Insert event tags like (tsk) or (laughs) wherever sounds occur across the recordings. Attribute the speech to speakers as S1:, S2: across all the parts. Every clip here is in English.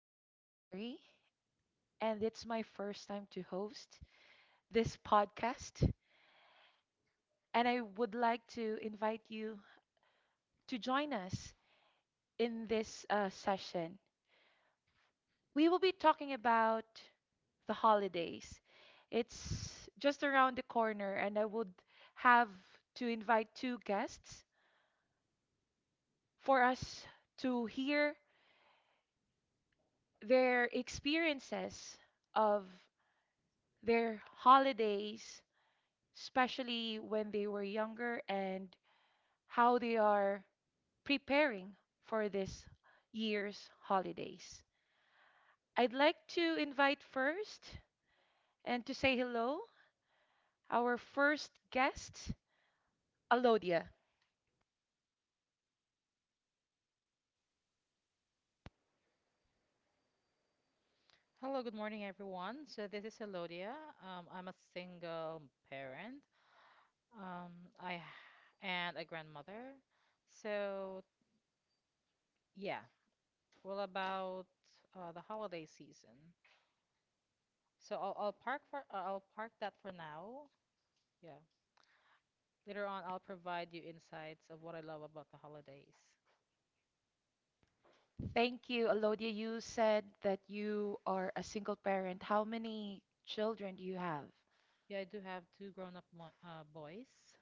S1: name is Mary, and it's my first time to host this podcast. And I would like to invite you to join us in this session. We will be talking about the holidays. It's just around the corner, and I would have to invite two guests for us to hear their experiences of their holidays, especially when they were younger, and how they are preparing for this year's holidays. I'd like to invite first and to say hello our first guest, Alodia.
S2: Hello, good morning, everyone. So this is Elodia. I'm a single parent. Um, I h- and a grandmother. So yeah, well about the holiday season. So I'll park for I'll park that for now. Yeah. Later on, I'll provide you insights of what I love about the holidays.
S1: Thank you, Alodia. You said that you are a single parent. How many children do you have?
S2: Yeah, I do have two grown-up mo boys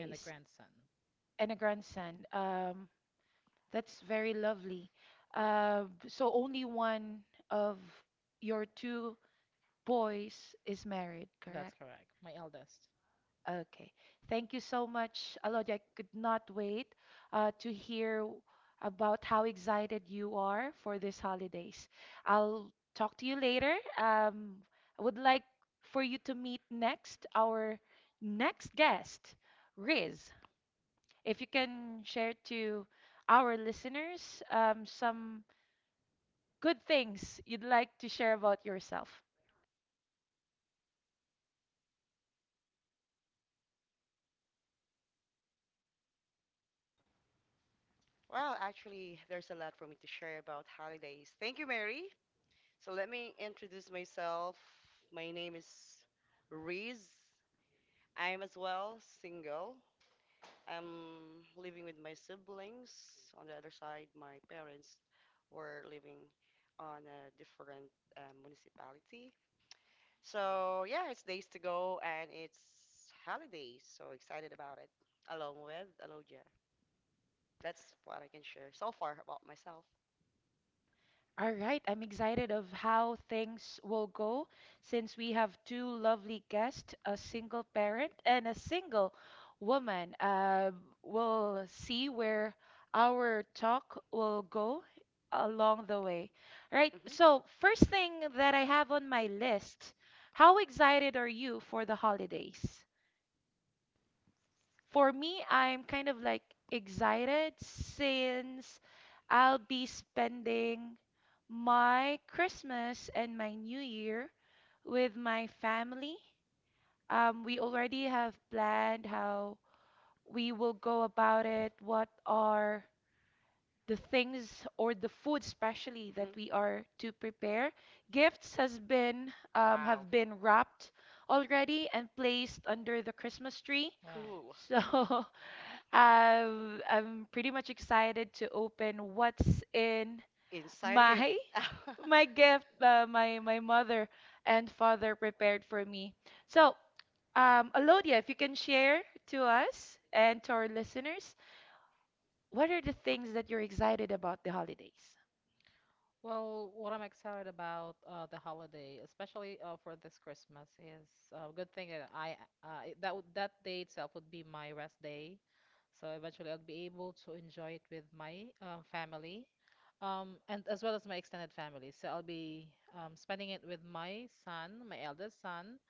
S2: and a grandson.
S1: and a grandson. That's very lovely. So only one of your two boys is married,
S2: That's
S1: correct?
S2: correct. My eldest.
S1: Okay. Thank you so much, Alodi. I could not wait to hear about how excited you are for these holidays. I'll talk to you later. I would like for you to meet next our next guest, Riz. If you can share to our listeners some good things you'd like to share about yourself.
S3: Well, actually, there's a lot for me to share about holidays. Thank you, Mary. So let me introduce myself. My name is Riz. I'm as well single. I'm living with my siblings. On the other side, my parents were living on a different municipality. So yeah, it's days to go and it's holidays. So excited about it. Along with Aloja. That's what I can share so far about myself.
S1: All right, I'm excited of how things will go since we have two lovely guests, a single parent and a single woman. We'll see where our talk will go along the way. All right,
S3: Hmm.
S1: so first thing that I have on my list, how excited are you for the holidays? For me, I'm kind of like excited since I'll be spending my Christmas and my New Year with my family. We already have planned how we will go about it, what are the things or the food especially that
S3: Mhm.
S1: we are to prepare. Gifts has been
S3: Wow.
S1: have been wrapped already and placed under the Christmas tree.
S2: Wow.
S3: Cool.
S1: So (laughs) I'm pretty much excited to open what's in
S3: Inside of
S1: my
S3: (laughs)
S1: (laughs) my gift my mother and father prepared for me. So, Alodia, if you can share to us and to our listeners, what are the things that you're excited about the holidays?
S2: Well, what I'm excited about the holiday, especially for this Christmas, is good thing that I it- that would- that day itself would be my rest day, so eventually I'll be able to enjoy it with my family, and as well as my extended family. So I'll be spending it with my son, my eldest son,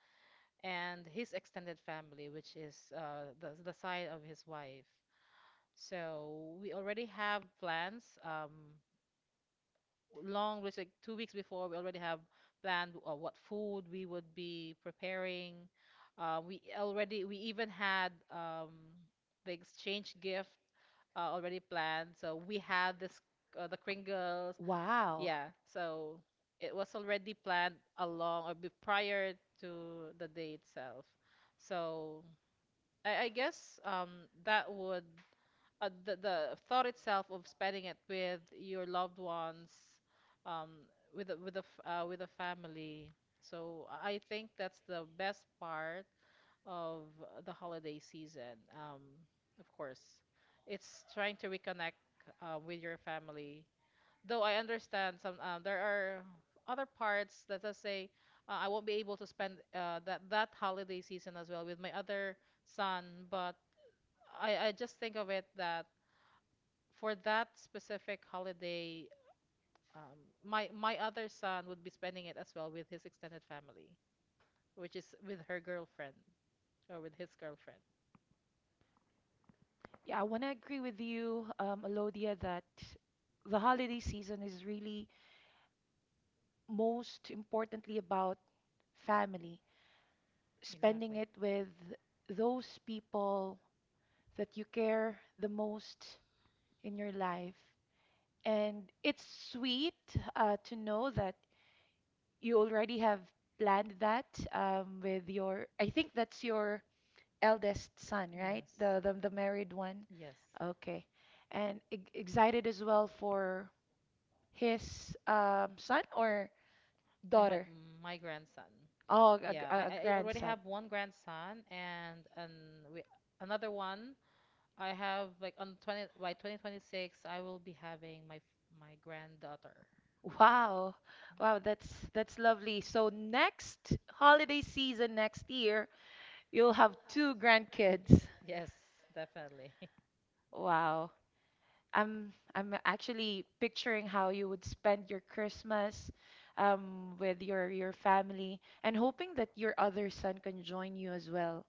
S2: and his extended family, which is the side of his wife. So we already have plans. Long it's like 2 weeks before we already have planned what food we would be preparing we even had the exchange gift already planned, so we had this the kringles,
S1: Wow.
S2: yeah. So it was already planned along or be prior to the day itself. So I guess that would the thought itself of spending it with your loved ones, um, with a family. So I think that's the best part of the holiday season. Of course, it's trying to reconnect with your family. Though I understand some there are other parts that I say I won't be able to spend that that holiday season as well with my other son, but I just think of it that for that specific holiday, um, my other son would be spending it as well with his extended family, which is with her girlfriend or with his girlfriend.
S1: Yeah, I want to agree with you, Alodia, that the holiday season is really most importantly about family spending
S2: Exactly.
S1: it with those people that you care the most in your life. And it's sweet to know that you already have planned that with your, I think that's your eldest son, right?
S2: Yes.
S1: The married one.
S2: Yes.
S1: Okay. And e excited as well for his son or
S2: Yeah, my
S1: daughter?
S2: my grandson.
S1: Oh, a, gr-
S2: Yeah, I
S1: a
S2: I I already
S1: grandson.
S2: have one grandson, and we, another one. I have like on 20 by 2026 I will be having my my granddaughter.
S1: Wow. Wow, that's lovely. So next holiday season next year, you'll have two grandkids.
S2: Yes,
S3: Yeah,
S2: definitely.
S1: Wow. I'm actually picturing how you would spend your Christmas with your family and hoping that your other son can join you as well.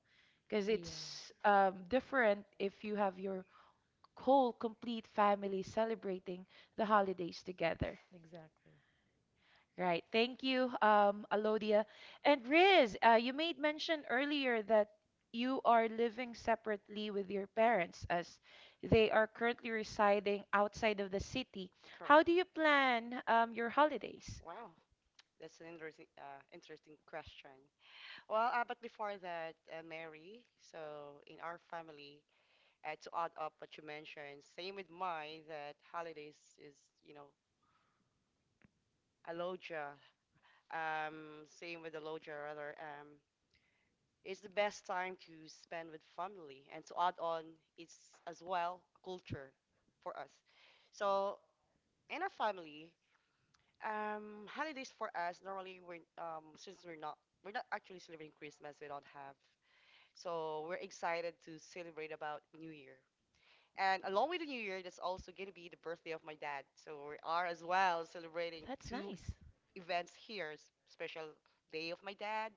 S1: 'Cause
S2: Yeah,
S1: it's different if you have your whole complete family celebrating the holidays together.
S2: exactly.
S1: Right. Thank you, Alodia. And Riz, you made mention earlier that you are living separately with your parents as they are currently residing outside of the city. How do
S3: correct.
S1: you plan your holidays?
S3: Wow, that's an interesting, interesting question. Well, but before that, Mary, so in our family, to add up what you mentioned, same with mine, that holidays is, you know, a loja. Same with the loja, rather. It's the best time to spend with family. And to add on, it's as well a culture for us. So in our family, holidays for us normally we're not actually celebrating Christmas, we don't have. So we're excited to celebrate about New Year. And along with the New Year, that's also going to be the birthday of my dad. So we are as well celebrating
S1: That's
S3: two
S1: nice.
S3: events here, special day of my dad,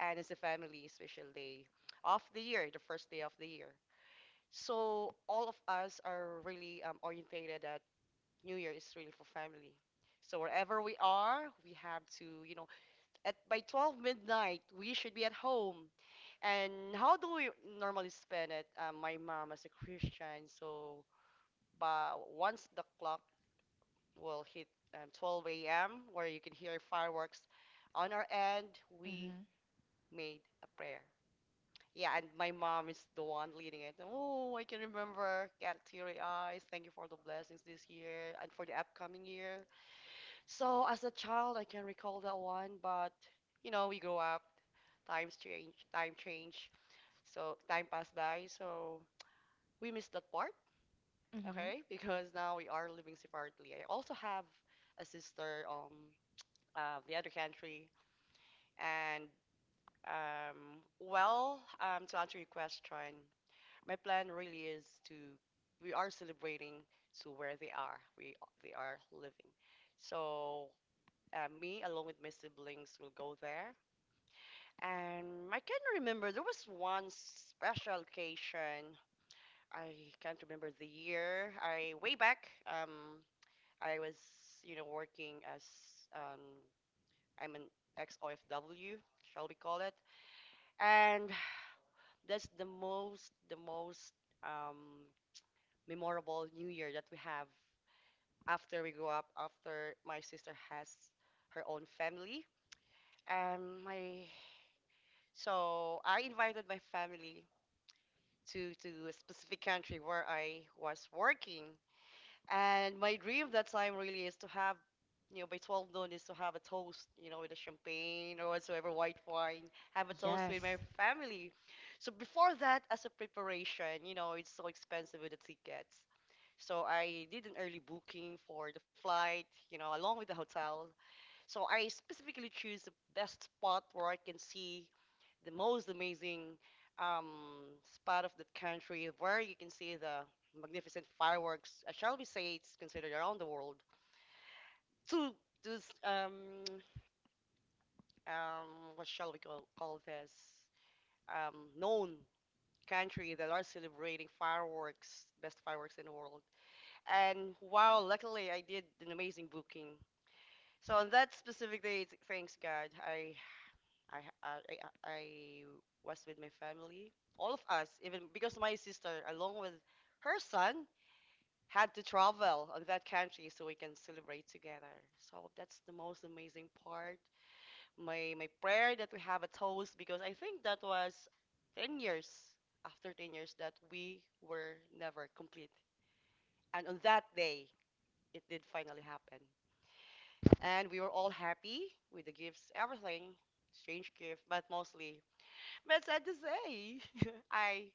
S3: and it's a family special day of the year, the first day of the year. So all of us are really orientated that New Year is really for family. So wherever we are, we have to, you know, at by 12 midnight, we should be at home. And how do we normally spend it? My mom is a Christian, so but once the clock will hit 12 a.m., where you can hear fireworks on our end, we
S1: Mm-hmm.
S3: made a prayer. Yeah, and my mom is the one leading it. Oh, I can remember. Got teary eyes. Thank you for the blessings this year and for the upcoming year. So, as a child, I can recall that one, but you know, we grow up, times change, time change. So, time passed by. So, we missed that part,
S1: Mm-hmm.
S3: okay? (laughs) Because now we are living separately. I also have a sister the other country, and well, to answer your question, my plan really is to, we are celebrating to where they are, we they are living, so me along with my siblings will go there. And I can remember there was one special occasion. I can't remember the year. I way back, I was, you know, working as, um I'm an ex-ofw, shall we call it, and that's the most, the most um memorable new year that we have after we grow up, after my sister has her own family. And my, so I invited my family to a specific country where I was working. And my dream that time really is to have, you know, by 12 noon, is to have a toast, you know, with a champagne or whatsoever white wine, have a toast
S1: Yes.
S3: with my family. So before that, as a preparation, you know, it's so expensive with the tickets. So I did an early booking for the flight, you know, along with the hotel. So I specifically choose the best spot where I can see the most amazing um, spot of the country, where you can see the magnificent fireworks. I, shall we say, it's considered around the world. To this, what shall we call this? Known country that are celebrating fireworks, best fireworks in the world. And wow, luckily I did an amazing booking. So on that specific day, thanks God, I, ha- I was with my family, all of us, even because my sister, along with her son, had to travel on that country so we can celebrate together. So that's the most amazing part. My prayer that we have a toast because I think that was 10 years, after 10 years that we were never complete. And on that day, it did finally happen. And we were all happy with the gifts, everything, strange gift, but mostly. But sad to say, (laughs) I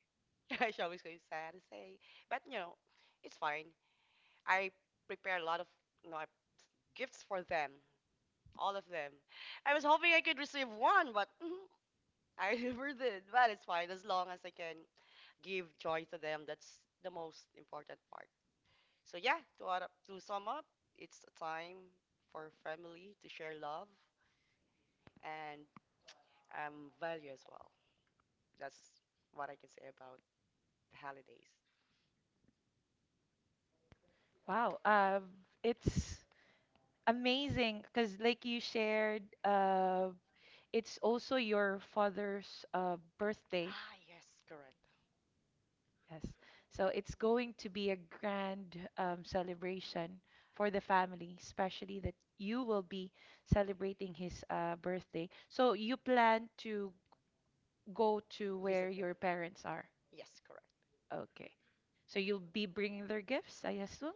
S3: (laughs) I always go sad to say, but you know, it's fine. I prepare a lot of, you know, gifts for them, all of them. I was hoping I could receive one, but I (laughs) never did. But it's fine as long as I can give joy to them. That's the most important part. So yeah, to add up, to sum up, it's a time for family to share love and value as well. That's what I can say about the holidays.
S1: Wow. It's amazing because, like you shared, it's also your father's birthday.
S3: Ah, yes, correct.
S1: Yes. So it's going to be a grand celebration for the family, especially that you will be celebrating his birthday. So you plan to go to where
S3: Visit them.
S1: your parents are.
S3: Yes, correct.
S1: Okay. So you'll be bringing their gifts, I assume?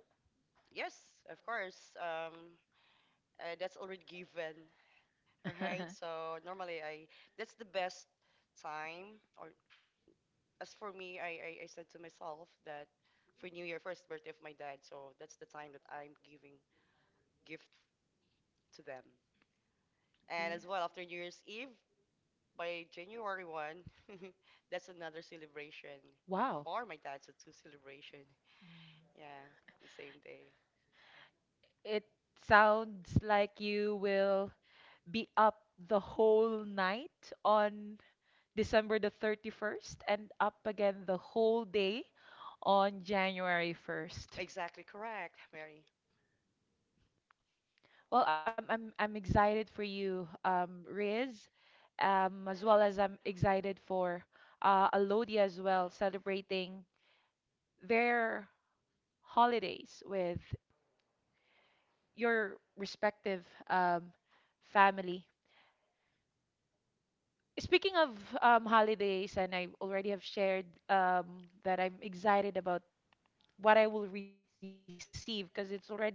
S3: Yes, of course. That's already given. All right.
S1: (laughs)
S3: So normally I, that's the best time. Or as for me, I said to myself that for New Year, first birthday of my dad. So that's the time that I'm giving gift to them. And
S1: Yes.
S3: as well after New Year's Eve by January one, (laughs) that's another celebration
S1: Wow.
S3: for my dad. So two celebration.
S2: Mm,
S3: Yeah, the same day.
S1: It sounds like you will be up the whole night on December the 31st and up again the whole day on January 1st.
S3: Exactly correct, Mary.
S1: Well, I'm excited for you, Riz, as well as I'm excited for Alodia as well, celebrating their holidays with your respective family. Speaking of holidays, and I already have shared that I'm excited about what I will receive because it's already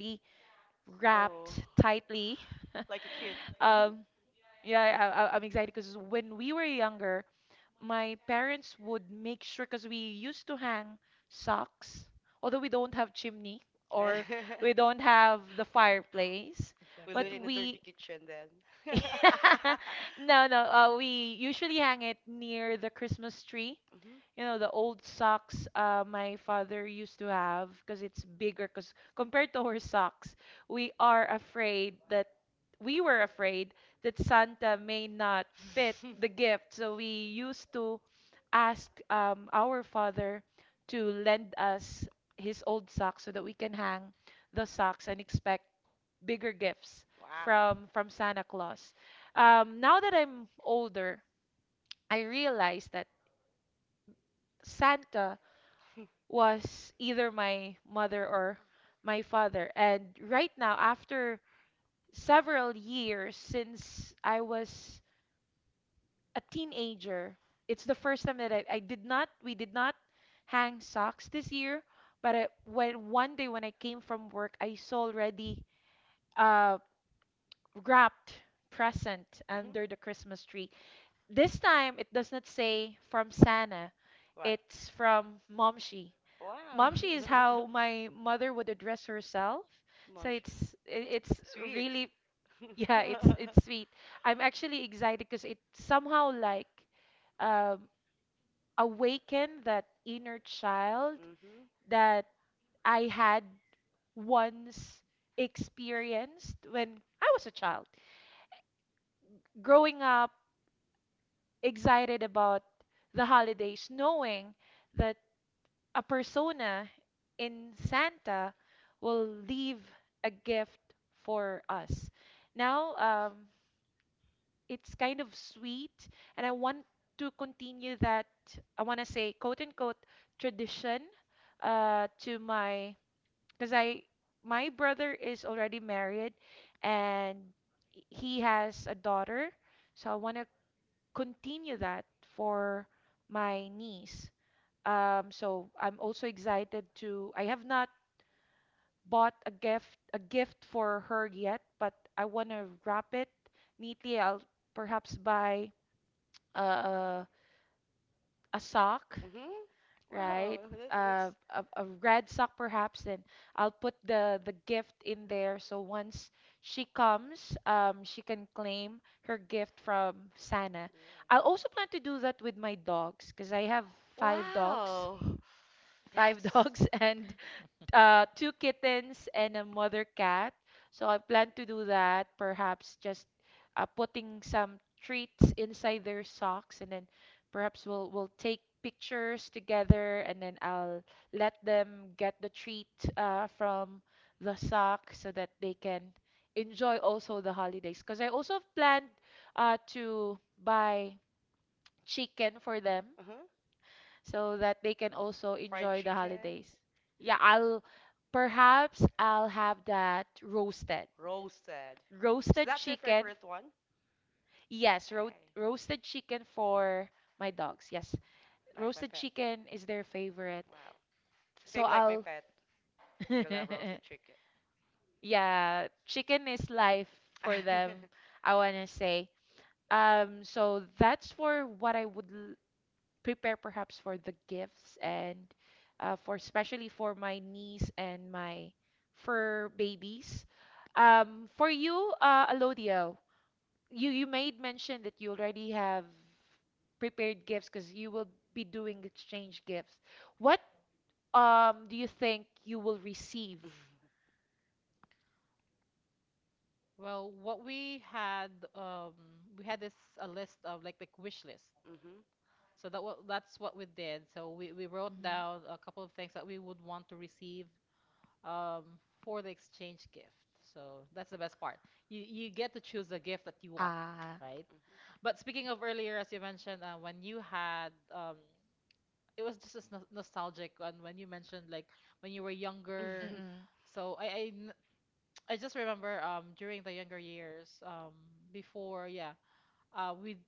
S1: wrapped
S3: Oh,
S1: tightly. (laughs)
S3: like a kid.
S1: Um,
S3: Hmm.
S1: yeah, I'm excited because when we were younger, my parents would make sure because we used to hang socks, although we don't have chimney or
S3: (laughs)
S1: we don't have the fireplace,
S3: We'll do it
S1: but
S2: exactly.
S3: in the dirty
S1: we
S3: kitchen then. (laughs) Hmm.
S1: (laughs) no, no, we usually hang it near the Christmas tree, you know, the old socks my father used to have because it's bigger. Because compared to her socks, we are afraid that we were afraid that Santa may not fit
S3: (laughs)
S1: the gift. So we used to ask our father to lend us his old socks so that we can hang the socks and expect bigger gifts
S3: Wow.
S1: from Santa Claus. Now that I'm older, I realize that Santa was either my mother or my father. And right now, after several years since I was a teenager, it's the first time that I did not, we did not hang socks this year. But when one day when I came from work, I saw already uh, wrapped present
S3: (laughs) Mhm.
S1: under the Christmas tree. This time, it does not say from Santa.
S3: What?
S1: It's from Momshi.
S3: Wow.
S1: Momshi is how my mother would address herself.
S3: (laughs) Mom
S1: So
S3: shoe.
S1: it's
S3: Sweet.
S1: really
S3: (laughs)
S1: (laughs) yeah,
S3: Mhm.
S1: it's sweet. I'm actually excited because it somehow like um awakened that inner child that I had once experienced when I was a child. Growing up excited about the holidays, knowing that a persona in Santa will leave a gift for us. Now, it's kind of sweet, and I want to continue that, I want to say, quote unquote, tradition uh, to my, because my brother is already married and he has a daughter, so I want to continue that for my niece. So I'm also excited to. I have not bought a gift for her yet, but I want to wrap it neatly. I'll perhaps buy a a sock,
S3: Mhm. Wow,
S1: right?
S3: that looks.
S1: A red sock perhaps, and I'll put the gift in there. So once she comes, she can claim her gift from Santa.
S3: Yeah.
S1: I'll also plan to do that with my dogs because I have five dogs,
S3: Wow.
S1: five (laughs)
S3: That's.
S1: dogs, and two kittens and a mother cat. So I plan to do that, perhaps just putting some treats inside their socks, and then perhaps we'll take pictures together, and then I'll let them get the treat from the sock so that they can enjoy also the holidays. Because I also have planned to buy chicken for them
S3: Uh huh.
S1: so that they can also
S3: Fried
S1: enjoy the
S3: chicken.
S1: holidays. Yeah, I'll perhaps I'll have that roasted.
S3: Roasted. Is
S1: Roasted
S3: that their
S1: chicken.
S3: favorite one?
S1: Yes, ro
S3: Okay.
S1: roasted chicken for my dogs. Yes.
S3: Like my
S1: Roasted
S3: pet.
S1: chicken is their favorite.
S3: Wow.
S1: So
S3: Same like my
S1: I'll
S3: pet. They love roasted
S1: (laughs)
S3: chicken.
S1: yeah, chicken is life for them,
S3: (laughs)
S1: I wanna say. So that's for what I would prepare perhaps for the gifts and for especially for my niece and my fur babies. For you, Alodia, you made mention that you already have prepared gifts because you will be doing exchange gifts. What do you think you will receive?
S2: Well, what we had this a list of like wish list.
S3: Mhm. Mhm.
S2: So that what that's what we did. So we wrote
S1: Mhm.
S2: down a couple of things that we would want to receive um, for the exchange gift. So that's the best part. You get to choose the gift that you want,
S1: Ah.
S2: right? But speaking of earlier, as you mentioned, when you had it was just as nostalgic when you mentioned like when you were
S3: (laughs) Mhm.
S2: younger.
S3: Mhm.
S1: Mm-mm.
S2: So I just remember during the younger years before, yeah. uh, we d-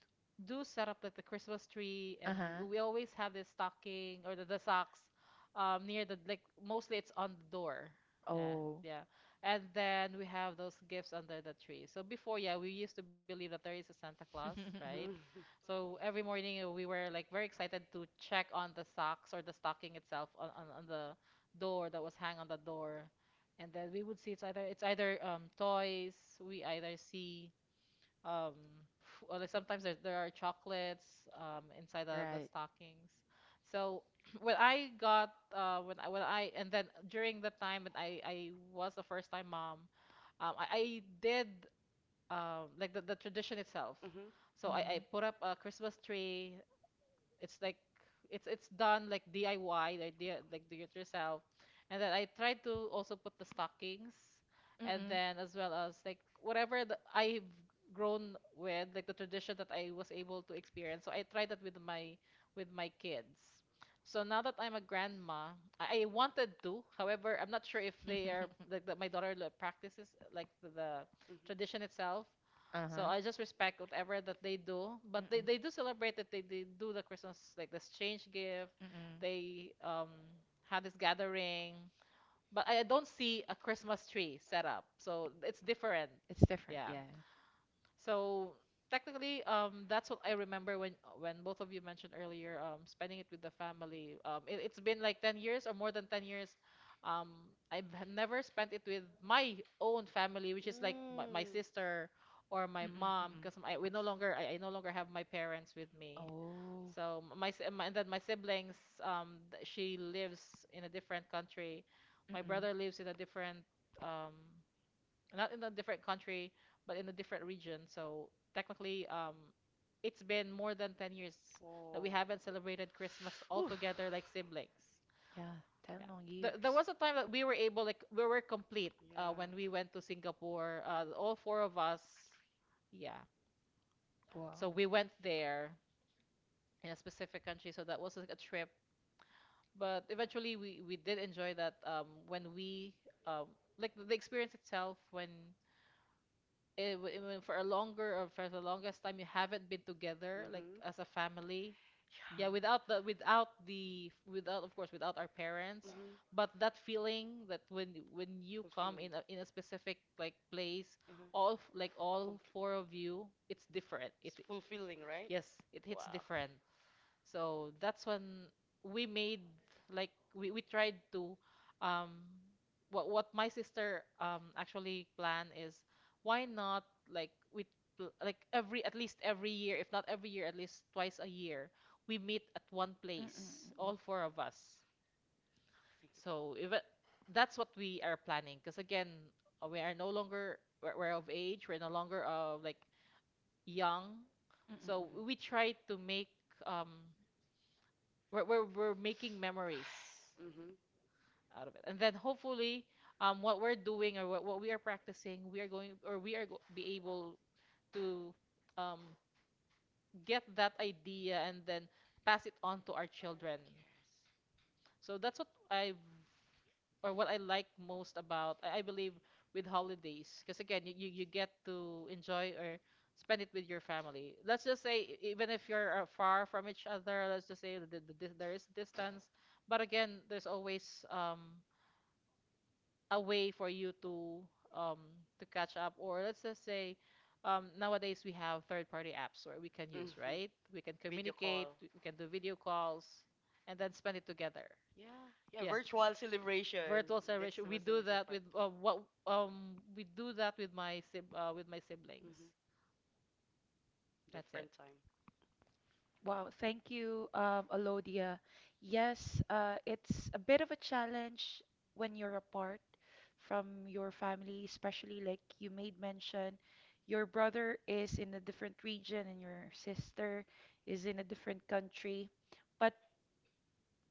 S2: do set up like the Christmas tree, and
S1: Uh-huh.
S2: we always have this stocking or the socks near the, like mostly it's on the door. Yeah,
S1: Oh.
S2: yeah. And then we have those gifts under the tree. So before, yeah, we used to believe that there is a Santa Claus,
S1: (laughs)
S2: right? So every morning we were like very excited to check on the socks or the stocking itself on the door that was hang on the door. And then we would see it's either toys, we either see um or like sometimes there are chocolates inside the
S1: Right.
S2: stockings. So (clears throat) when I got when I and then during the time when I was a first time mom I did like the tradition itself.
S3: Mhm. Mm.
S2: So
S1: Mm.
S2: I put up a christmas tree. It's like it's done like DIY, like do it yourself. And then I tried to also put the stockings, and then as well as like whatever that I've grown with, like the tradition that I was able to experience. So I tried that with my kids. So now that I'm a grandma, I wanted to. However, I'm not sure if they
S1: Mm-mm.
S2: are
S1: (laughs)
S2: like that. My daughter like, practices like the tradition itself.
S1: Uh
S2: So
S1: huh.
S2: I just respect whatever that they do, but they
S1: Mm-mm.
S2: do celebrate it. They do the Christmas like this change gift.
S1: Mm-mm.
S2: They had this gathering, but I don't see a Christmas tree set up, so it's different.
S1: It's different,
S2: Yeah.
S1: yeah.
S2: So technically, that's what I remember when both of you mentioned earlier, spending it with the family. It, it's been like 10 years or more than 10 years. Um, Never spent it with my own family, which is like my sister or my
S1: Mm-mm,
S2: mom,
S1: mm-mm.
S2: because
S3: Mm. Mhm.
S2: I no longer have my parents with me.
S1: Oh.
S2: So m- my, si- my and then my siblings, she lives in a different country. My
S1: Mm-mm.
S2: brother lives in a different um not in a different country, but in a different region. So technically, it's been more than 10 years that we
S3: Oh.
S2: haven't celebrated Christmas all
S3: Whew.
S2: together like siblings.
S1: Yeah, 10
S2: Yeah.
S1: long years.
S2: There was a time that we were able, like, we were complete
S3: Yeah.
S2: when we went to Singapore,
S3: Yeah.
S2: all four of us. Yeah.
S1: Wow.
S2: So we went there in a specific country. So that was like a trip. But eventually, we did enjoy that when um, like, the experience itself, when it, w- it for a longer or for the longest time you haven't been together like
S3: Mhm.
S2: as a family,
S1: Mm.
S2: yeah, without
S3: Yeah.
S2: the without the without of course without our parents,
S3: Mhm.
S2: but that feeling that when you come
S3: Fulfilling.
S2: in a specific like place
S3: Uh-huh.
S2: like all
S3: Compl-
S2: four of you, it's different.
S3: it's fulfilling, right?
S2: Yes, it hits
S3: Wow.
S2: different. So that's when we made like we tried to um what my sister actually plan is, why not like like every at least every year, if not every year, at least twice a year we meet at one
S1: Mm, mm,
S2: place,
S1: mm, mm,
S2: all four of us.
S3: I think that.
S2: So if it, that's what we are planning because again, we are no longer we're of age, we're no longer like young,
S1: mm, mm,
S2: so
S1: mm, mm.
S2: we try to make um we're making memories
S3: Mhm.
S2: out of it. And then hopefully, what we're doing, or what we are practicing, we are going, or we are go be able to um, get that idea and then pass it on to our children. So that's what I or what I like most about, I believe with holidays, because again you get to enjoy or spend it with your family. Let's just say even if you're far from each other. Let's just say that there is distance, but again there's always a way for you um to catch up, or let's just say nowadays we have third party apps where we can use,
S3: Mhm.
S2: right? We can
S3: Video
S2: communicate,
S3: call.
S2: we can do video calls and then spend it together.
S3: Yeah. Yeah,
S2: Yeah.
S3: virtual celebration.
S2: Virtual
S3: That's
S2: celebration.
S3: the
S2: We
S3: most
S2: do
S3: amazing
S2: that with
S3: part.
S2: what we do that with my sib with my siblings.
S3: Mhm.
S2: That's it.
S3: Different time.
S1: Wow, thank you, Alodia. Yes, it's a bit of a challenge when you're apart from your family, especially like you made mention, your brother is in a different region and your sister is in a different country. But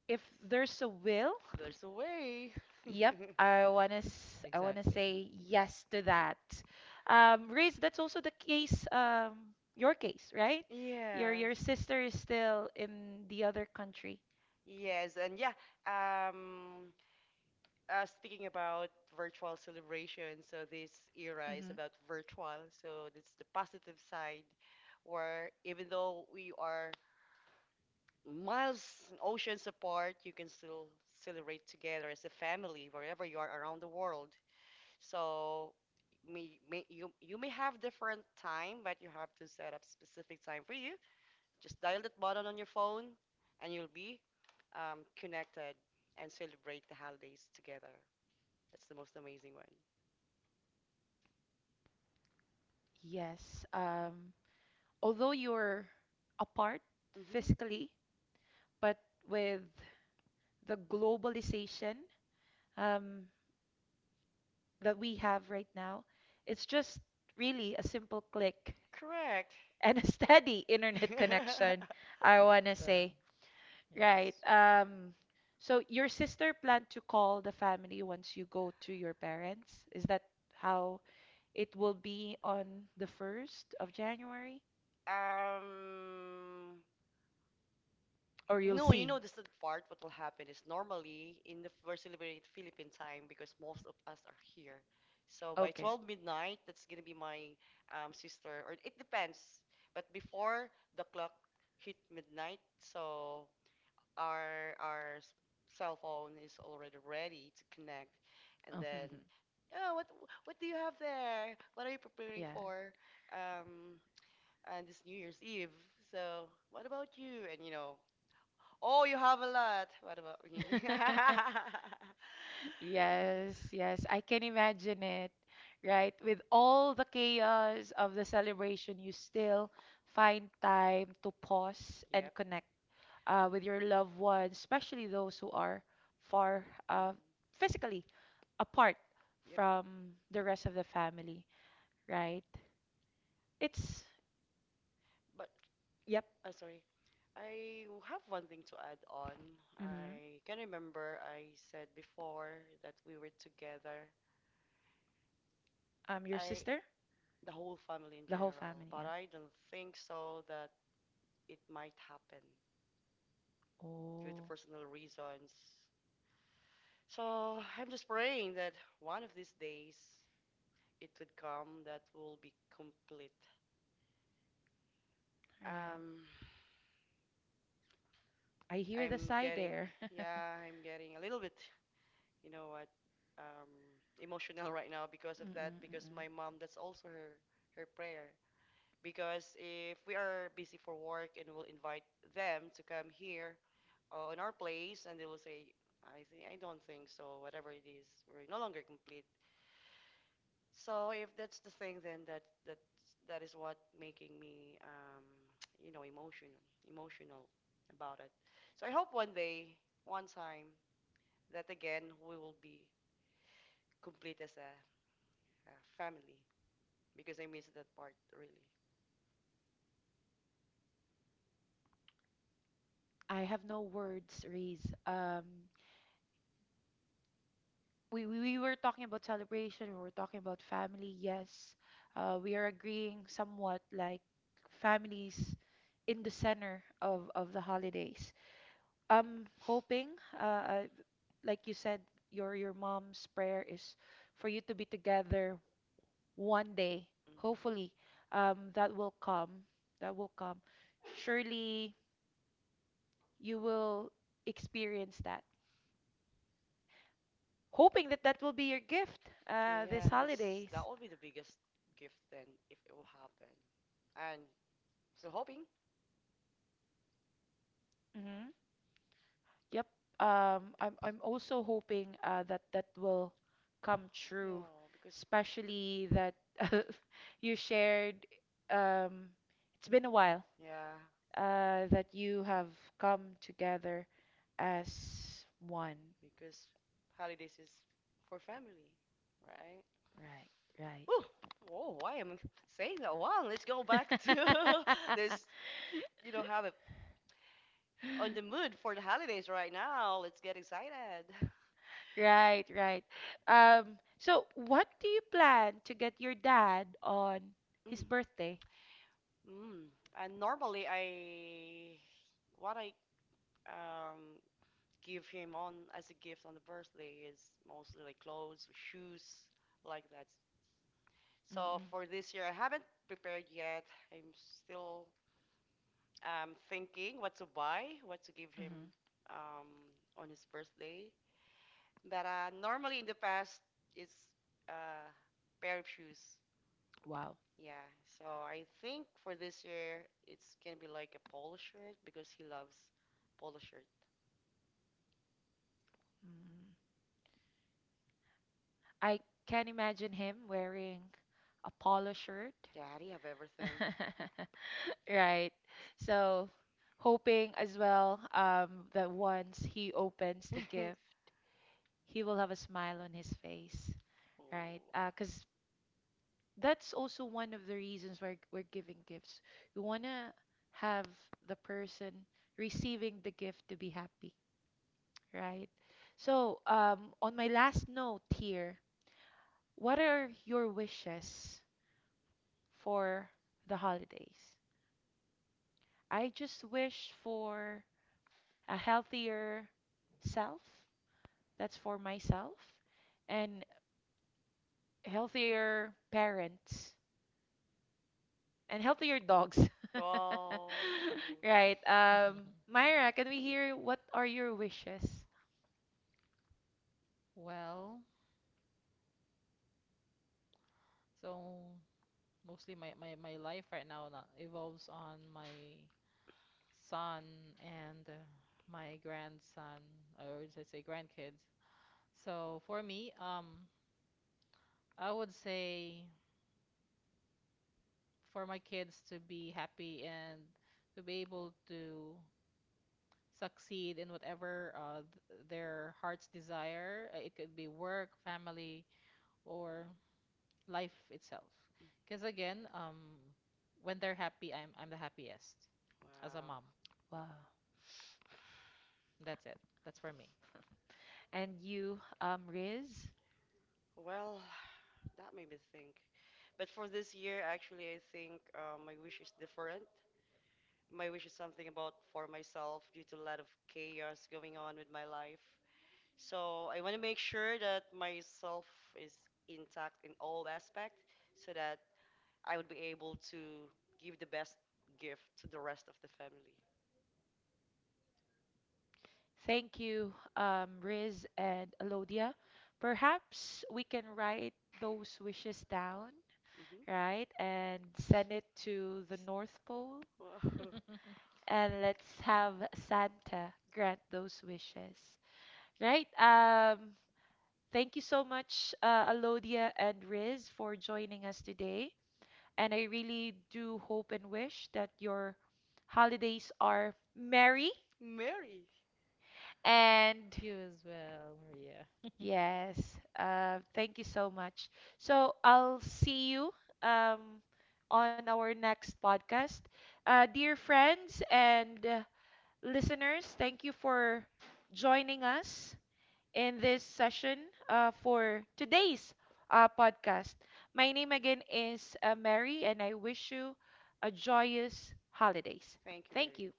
S1: if there's a will,
S3: There's a way. (laughs)
S1: Yep, I wanna
S2: Exactly.
S1: say yes to that. Riz, that's also the case, your case, right?
S3: Yes.
S1: Your sister is still in the other country.
S3: Yes, and yeah, um, speaking about virtual celebration, so this era is
S1: Hmm
S3: about virtual, so that's the positive side, where even though we are miles and oceans apart, you can still celebrate together as a family wherever you are around the world. So you you may have different time, but you have to set up specific time for you. Just dial that button on your phone, and you'll be connected and celebrate the holidays together. That's the most amazing one.
S1: Yes. Although you're apart
S3: Hmm.
S1: physically, but with the globalization um, that we have right now, it's just really a simple click
S3: Correct.
S1: and a (laughs) steady internet connection,
S3: (laughs)
S1: I wanna
S2: The
S1: say. Right.
S2: Yes.
S1: So your sister planned to call the family once you go to your parents. Is that how it will be on the 1st of January?
S3: um,
S1: Or you'll
S3: no, you
S1: see?
S3: know the sad part. What will happen is normally in the first celebrate Philippine time because most of us are here. So by
S1: Okay.
S3: 12 midnight, that's gonna be my sister, or it depends. But before the clock hit midnight, so our our s- cell phone is already ready to connect, and then,
S1: (laughs)
S3: oh, what do you have there? What are you preparing
S1: Yeah.
S3: for? Um, and this New Year's Eve. So what about you? And you know. Oh, you have a lot. What about me?
S1: (laughs)
S3: (laughs)
S1: Yes, yes, I can imagine it, right? With all the chaos of the celebration, you still find time to pause and
S3: Yep.
S1: connect with your loved ones, especially those who are far
S3: Mhm.
S1: physically apart
S3: Yep.
S1: from the rest of the family, right? It's,
S3: But
S1: yep,
S3: I'm sorry. I am sorry, I have one thing to add on.
S1: mm-hmm.
S3: I can remember I said before that we were together.
S1: Your
S3: I
S1: sister,
S3: the whole family in
S1: the whole
S3: general,
S1: family,
S3: but
S1: yeah.
S3: I don't think so that it might happen due to
S1: Oh,
S3: personal reasons. So I'm just praying that one of these days it would come, that will be complete.
S1: right.
S3: Um
S1: I hear the
S3: I'm
S1: sigh
S3: getting,
S1: there. (laughs)
S3: yeah, I'm getting a little bit, you know what, um, emotional (laughs) right now because of
S1: Mm, mm,
S3: that.
S1: mm,
S3: Because
S1: mm.
S3: my mom, that's also her prayer. Because if we are busy for work and we'll invite them to come here on our place, and they will say, I think I don't think so. Whatever it is, we're no longer complete. So if that's the thing, then that is what making me, (tsk) you know, emotional about it. So I hope one day, one time that again we will be complete as a family because I miss that part really.
S1: I have no words, Reese. We were talking about celebration. We were talking about family. Yes, we are agreeing somewhat. Like families in the center of the holidays. I'm hoping, uh, uh, like you said, your mom's prayer is for you to be together one day.
S3: Hmm.
S1: Hopefully, that will come. That will come. Surely, you will experience that. Hoping that that will be your gift this
S3: Yeah, that's,
S1: holidays.
S3: that will be the biggest gift then if it will happen, and so hoping.
S1: Hmm Yep. I'm also hoping that that will come true,
S3: Yeah, because
S1: especially that (laughs) you shared. Um, it's been a while
S3: yeah,
S1: that you have come together as one.
S3: because holidays is for family, right?
S1: Right,
S3: Woo! Whoa, why am I saying that. Wow, let's go back to (laughs)
S1: right.
S3: this. You know, have it on the
S1: (laughs)
S3: mood for the holidays right now. Let's get excited.
S1: Right, right. So what do you plan to get your dad on his
S3: (laughs)
S1: birthday?
S3: Mm. And normally I, what I um give him on as a gift on the birthday is mostly like clothes, shoes, like that. So
S1: Mm-mm.
S3: for this year I haven't prepared yet. I'm still thinking what to buy, what to give him
S1: hmm
S3: um on his birthday. But normally in the past it's uh pair of shoes.
S1: Wow.
S3: Yeah, so I think for this year it's gonna be like a polo shirt because he loves polo shirt.
S1: Mm. I can imagine him wearing a polo shirt.
S3: Yeah, he have everything.
S1: (laughs) Right. So hoping as well that once he opens the
S3: (laughs)
S1: gift, he will have a smile on his face,
S3: Oh,
S1: right? Because that's also one of the reasons why we're giving gifts. You want to have the person receiving the gift to be happy, right? So, on my last note here, what are your wishes for the holidays? I just wish for a healthier self. That's for myself and healthier parents and healthier dogs.
S3: oh,
S1: (laughs)
S3: cool.
S1: Right.
S2: (laughs)
S1: Myra, can we hear what are your wishes?
S2: Well, so mostly my life right now evolves on my son and my grandson, or let's say grandkids. So for me, I would say for my kids to be happy and to be able to succeed in whatever their hearts desire. It could be work, family, or life itself. Because again, when they're happy, I'm the happiest as a
S3: Wow.
S2: mom.
S1: Wow.
S2: That's it. That's for me.
S1: And you, Riz.
S3: Well, that made me think. But for this year, actually, I think my wish is different. My wish is something about for myself due to a lot of chaos going on with my life. So I want to make sure that myself is intact in all aspects, so that I would be able to give the best gift to the rest of the family.
S1: Thank you, Riz and Alodia. Perhaps we can write those wishes down, right? And send it to the North Pole.
S3: Hmm.
S1: And let's have Santa grant those wishes, right? Thank you so much, Alodia and Riz, for joining us today. And I really do hope and wish that your holidays are merry.
S3: (laughs) Mary.
S1: And
S2: You as well, Maria.
S1: yes, thank you so much. So I'll see you um, on our next podcast. Dear friends and listeners, thank you for joining us in this session for today's podcast. My name again is Mary, and I wish you a joyous holidays.
S3: Thank you,
S1: Thank
S3: Mary.
S1: you.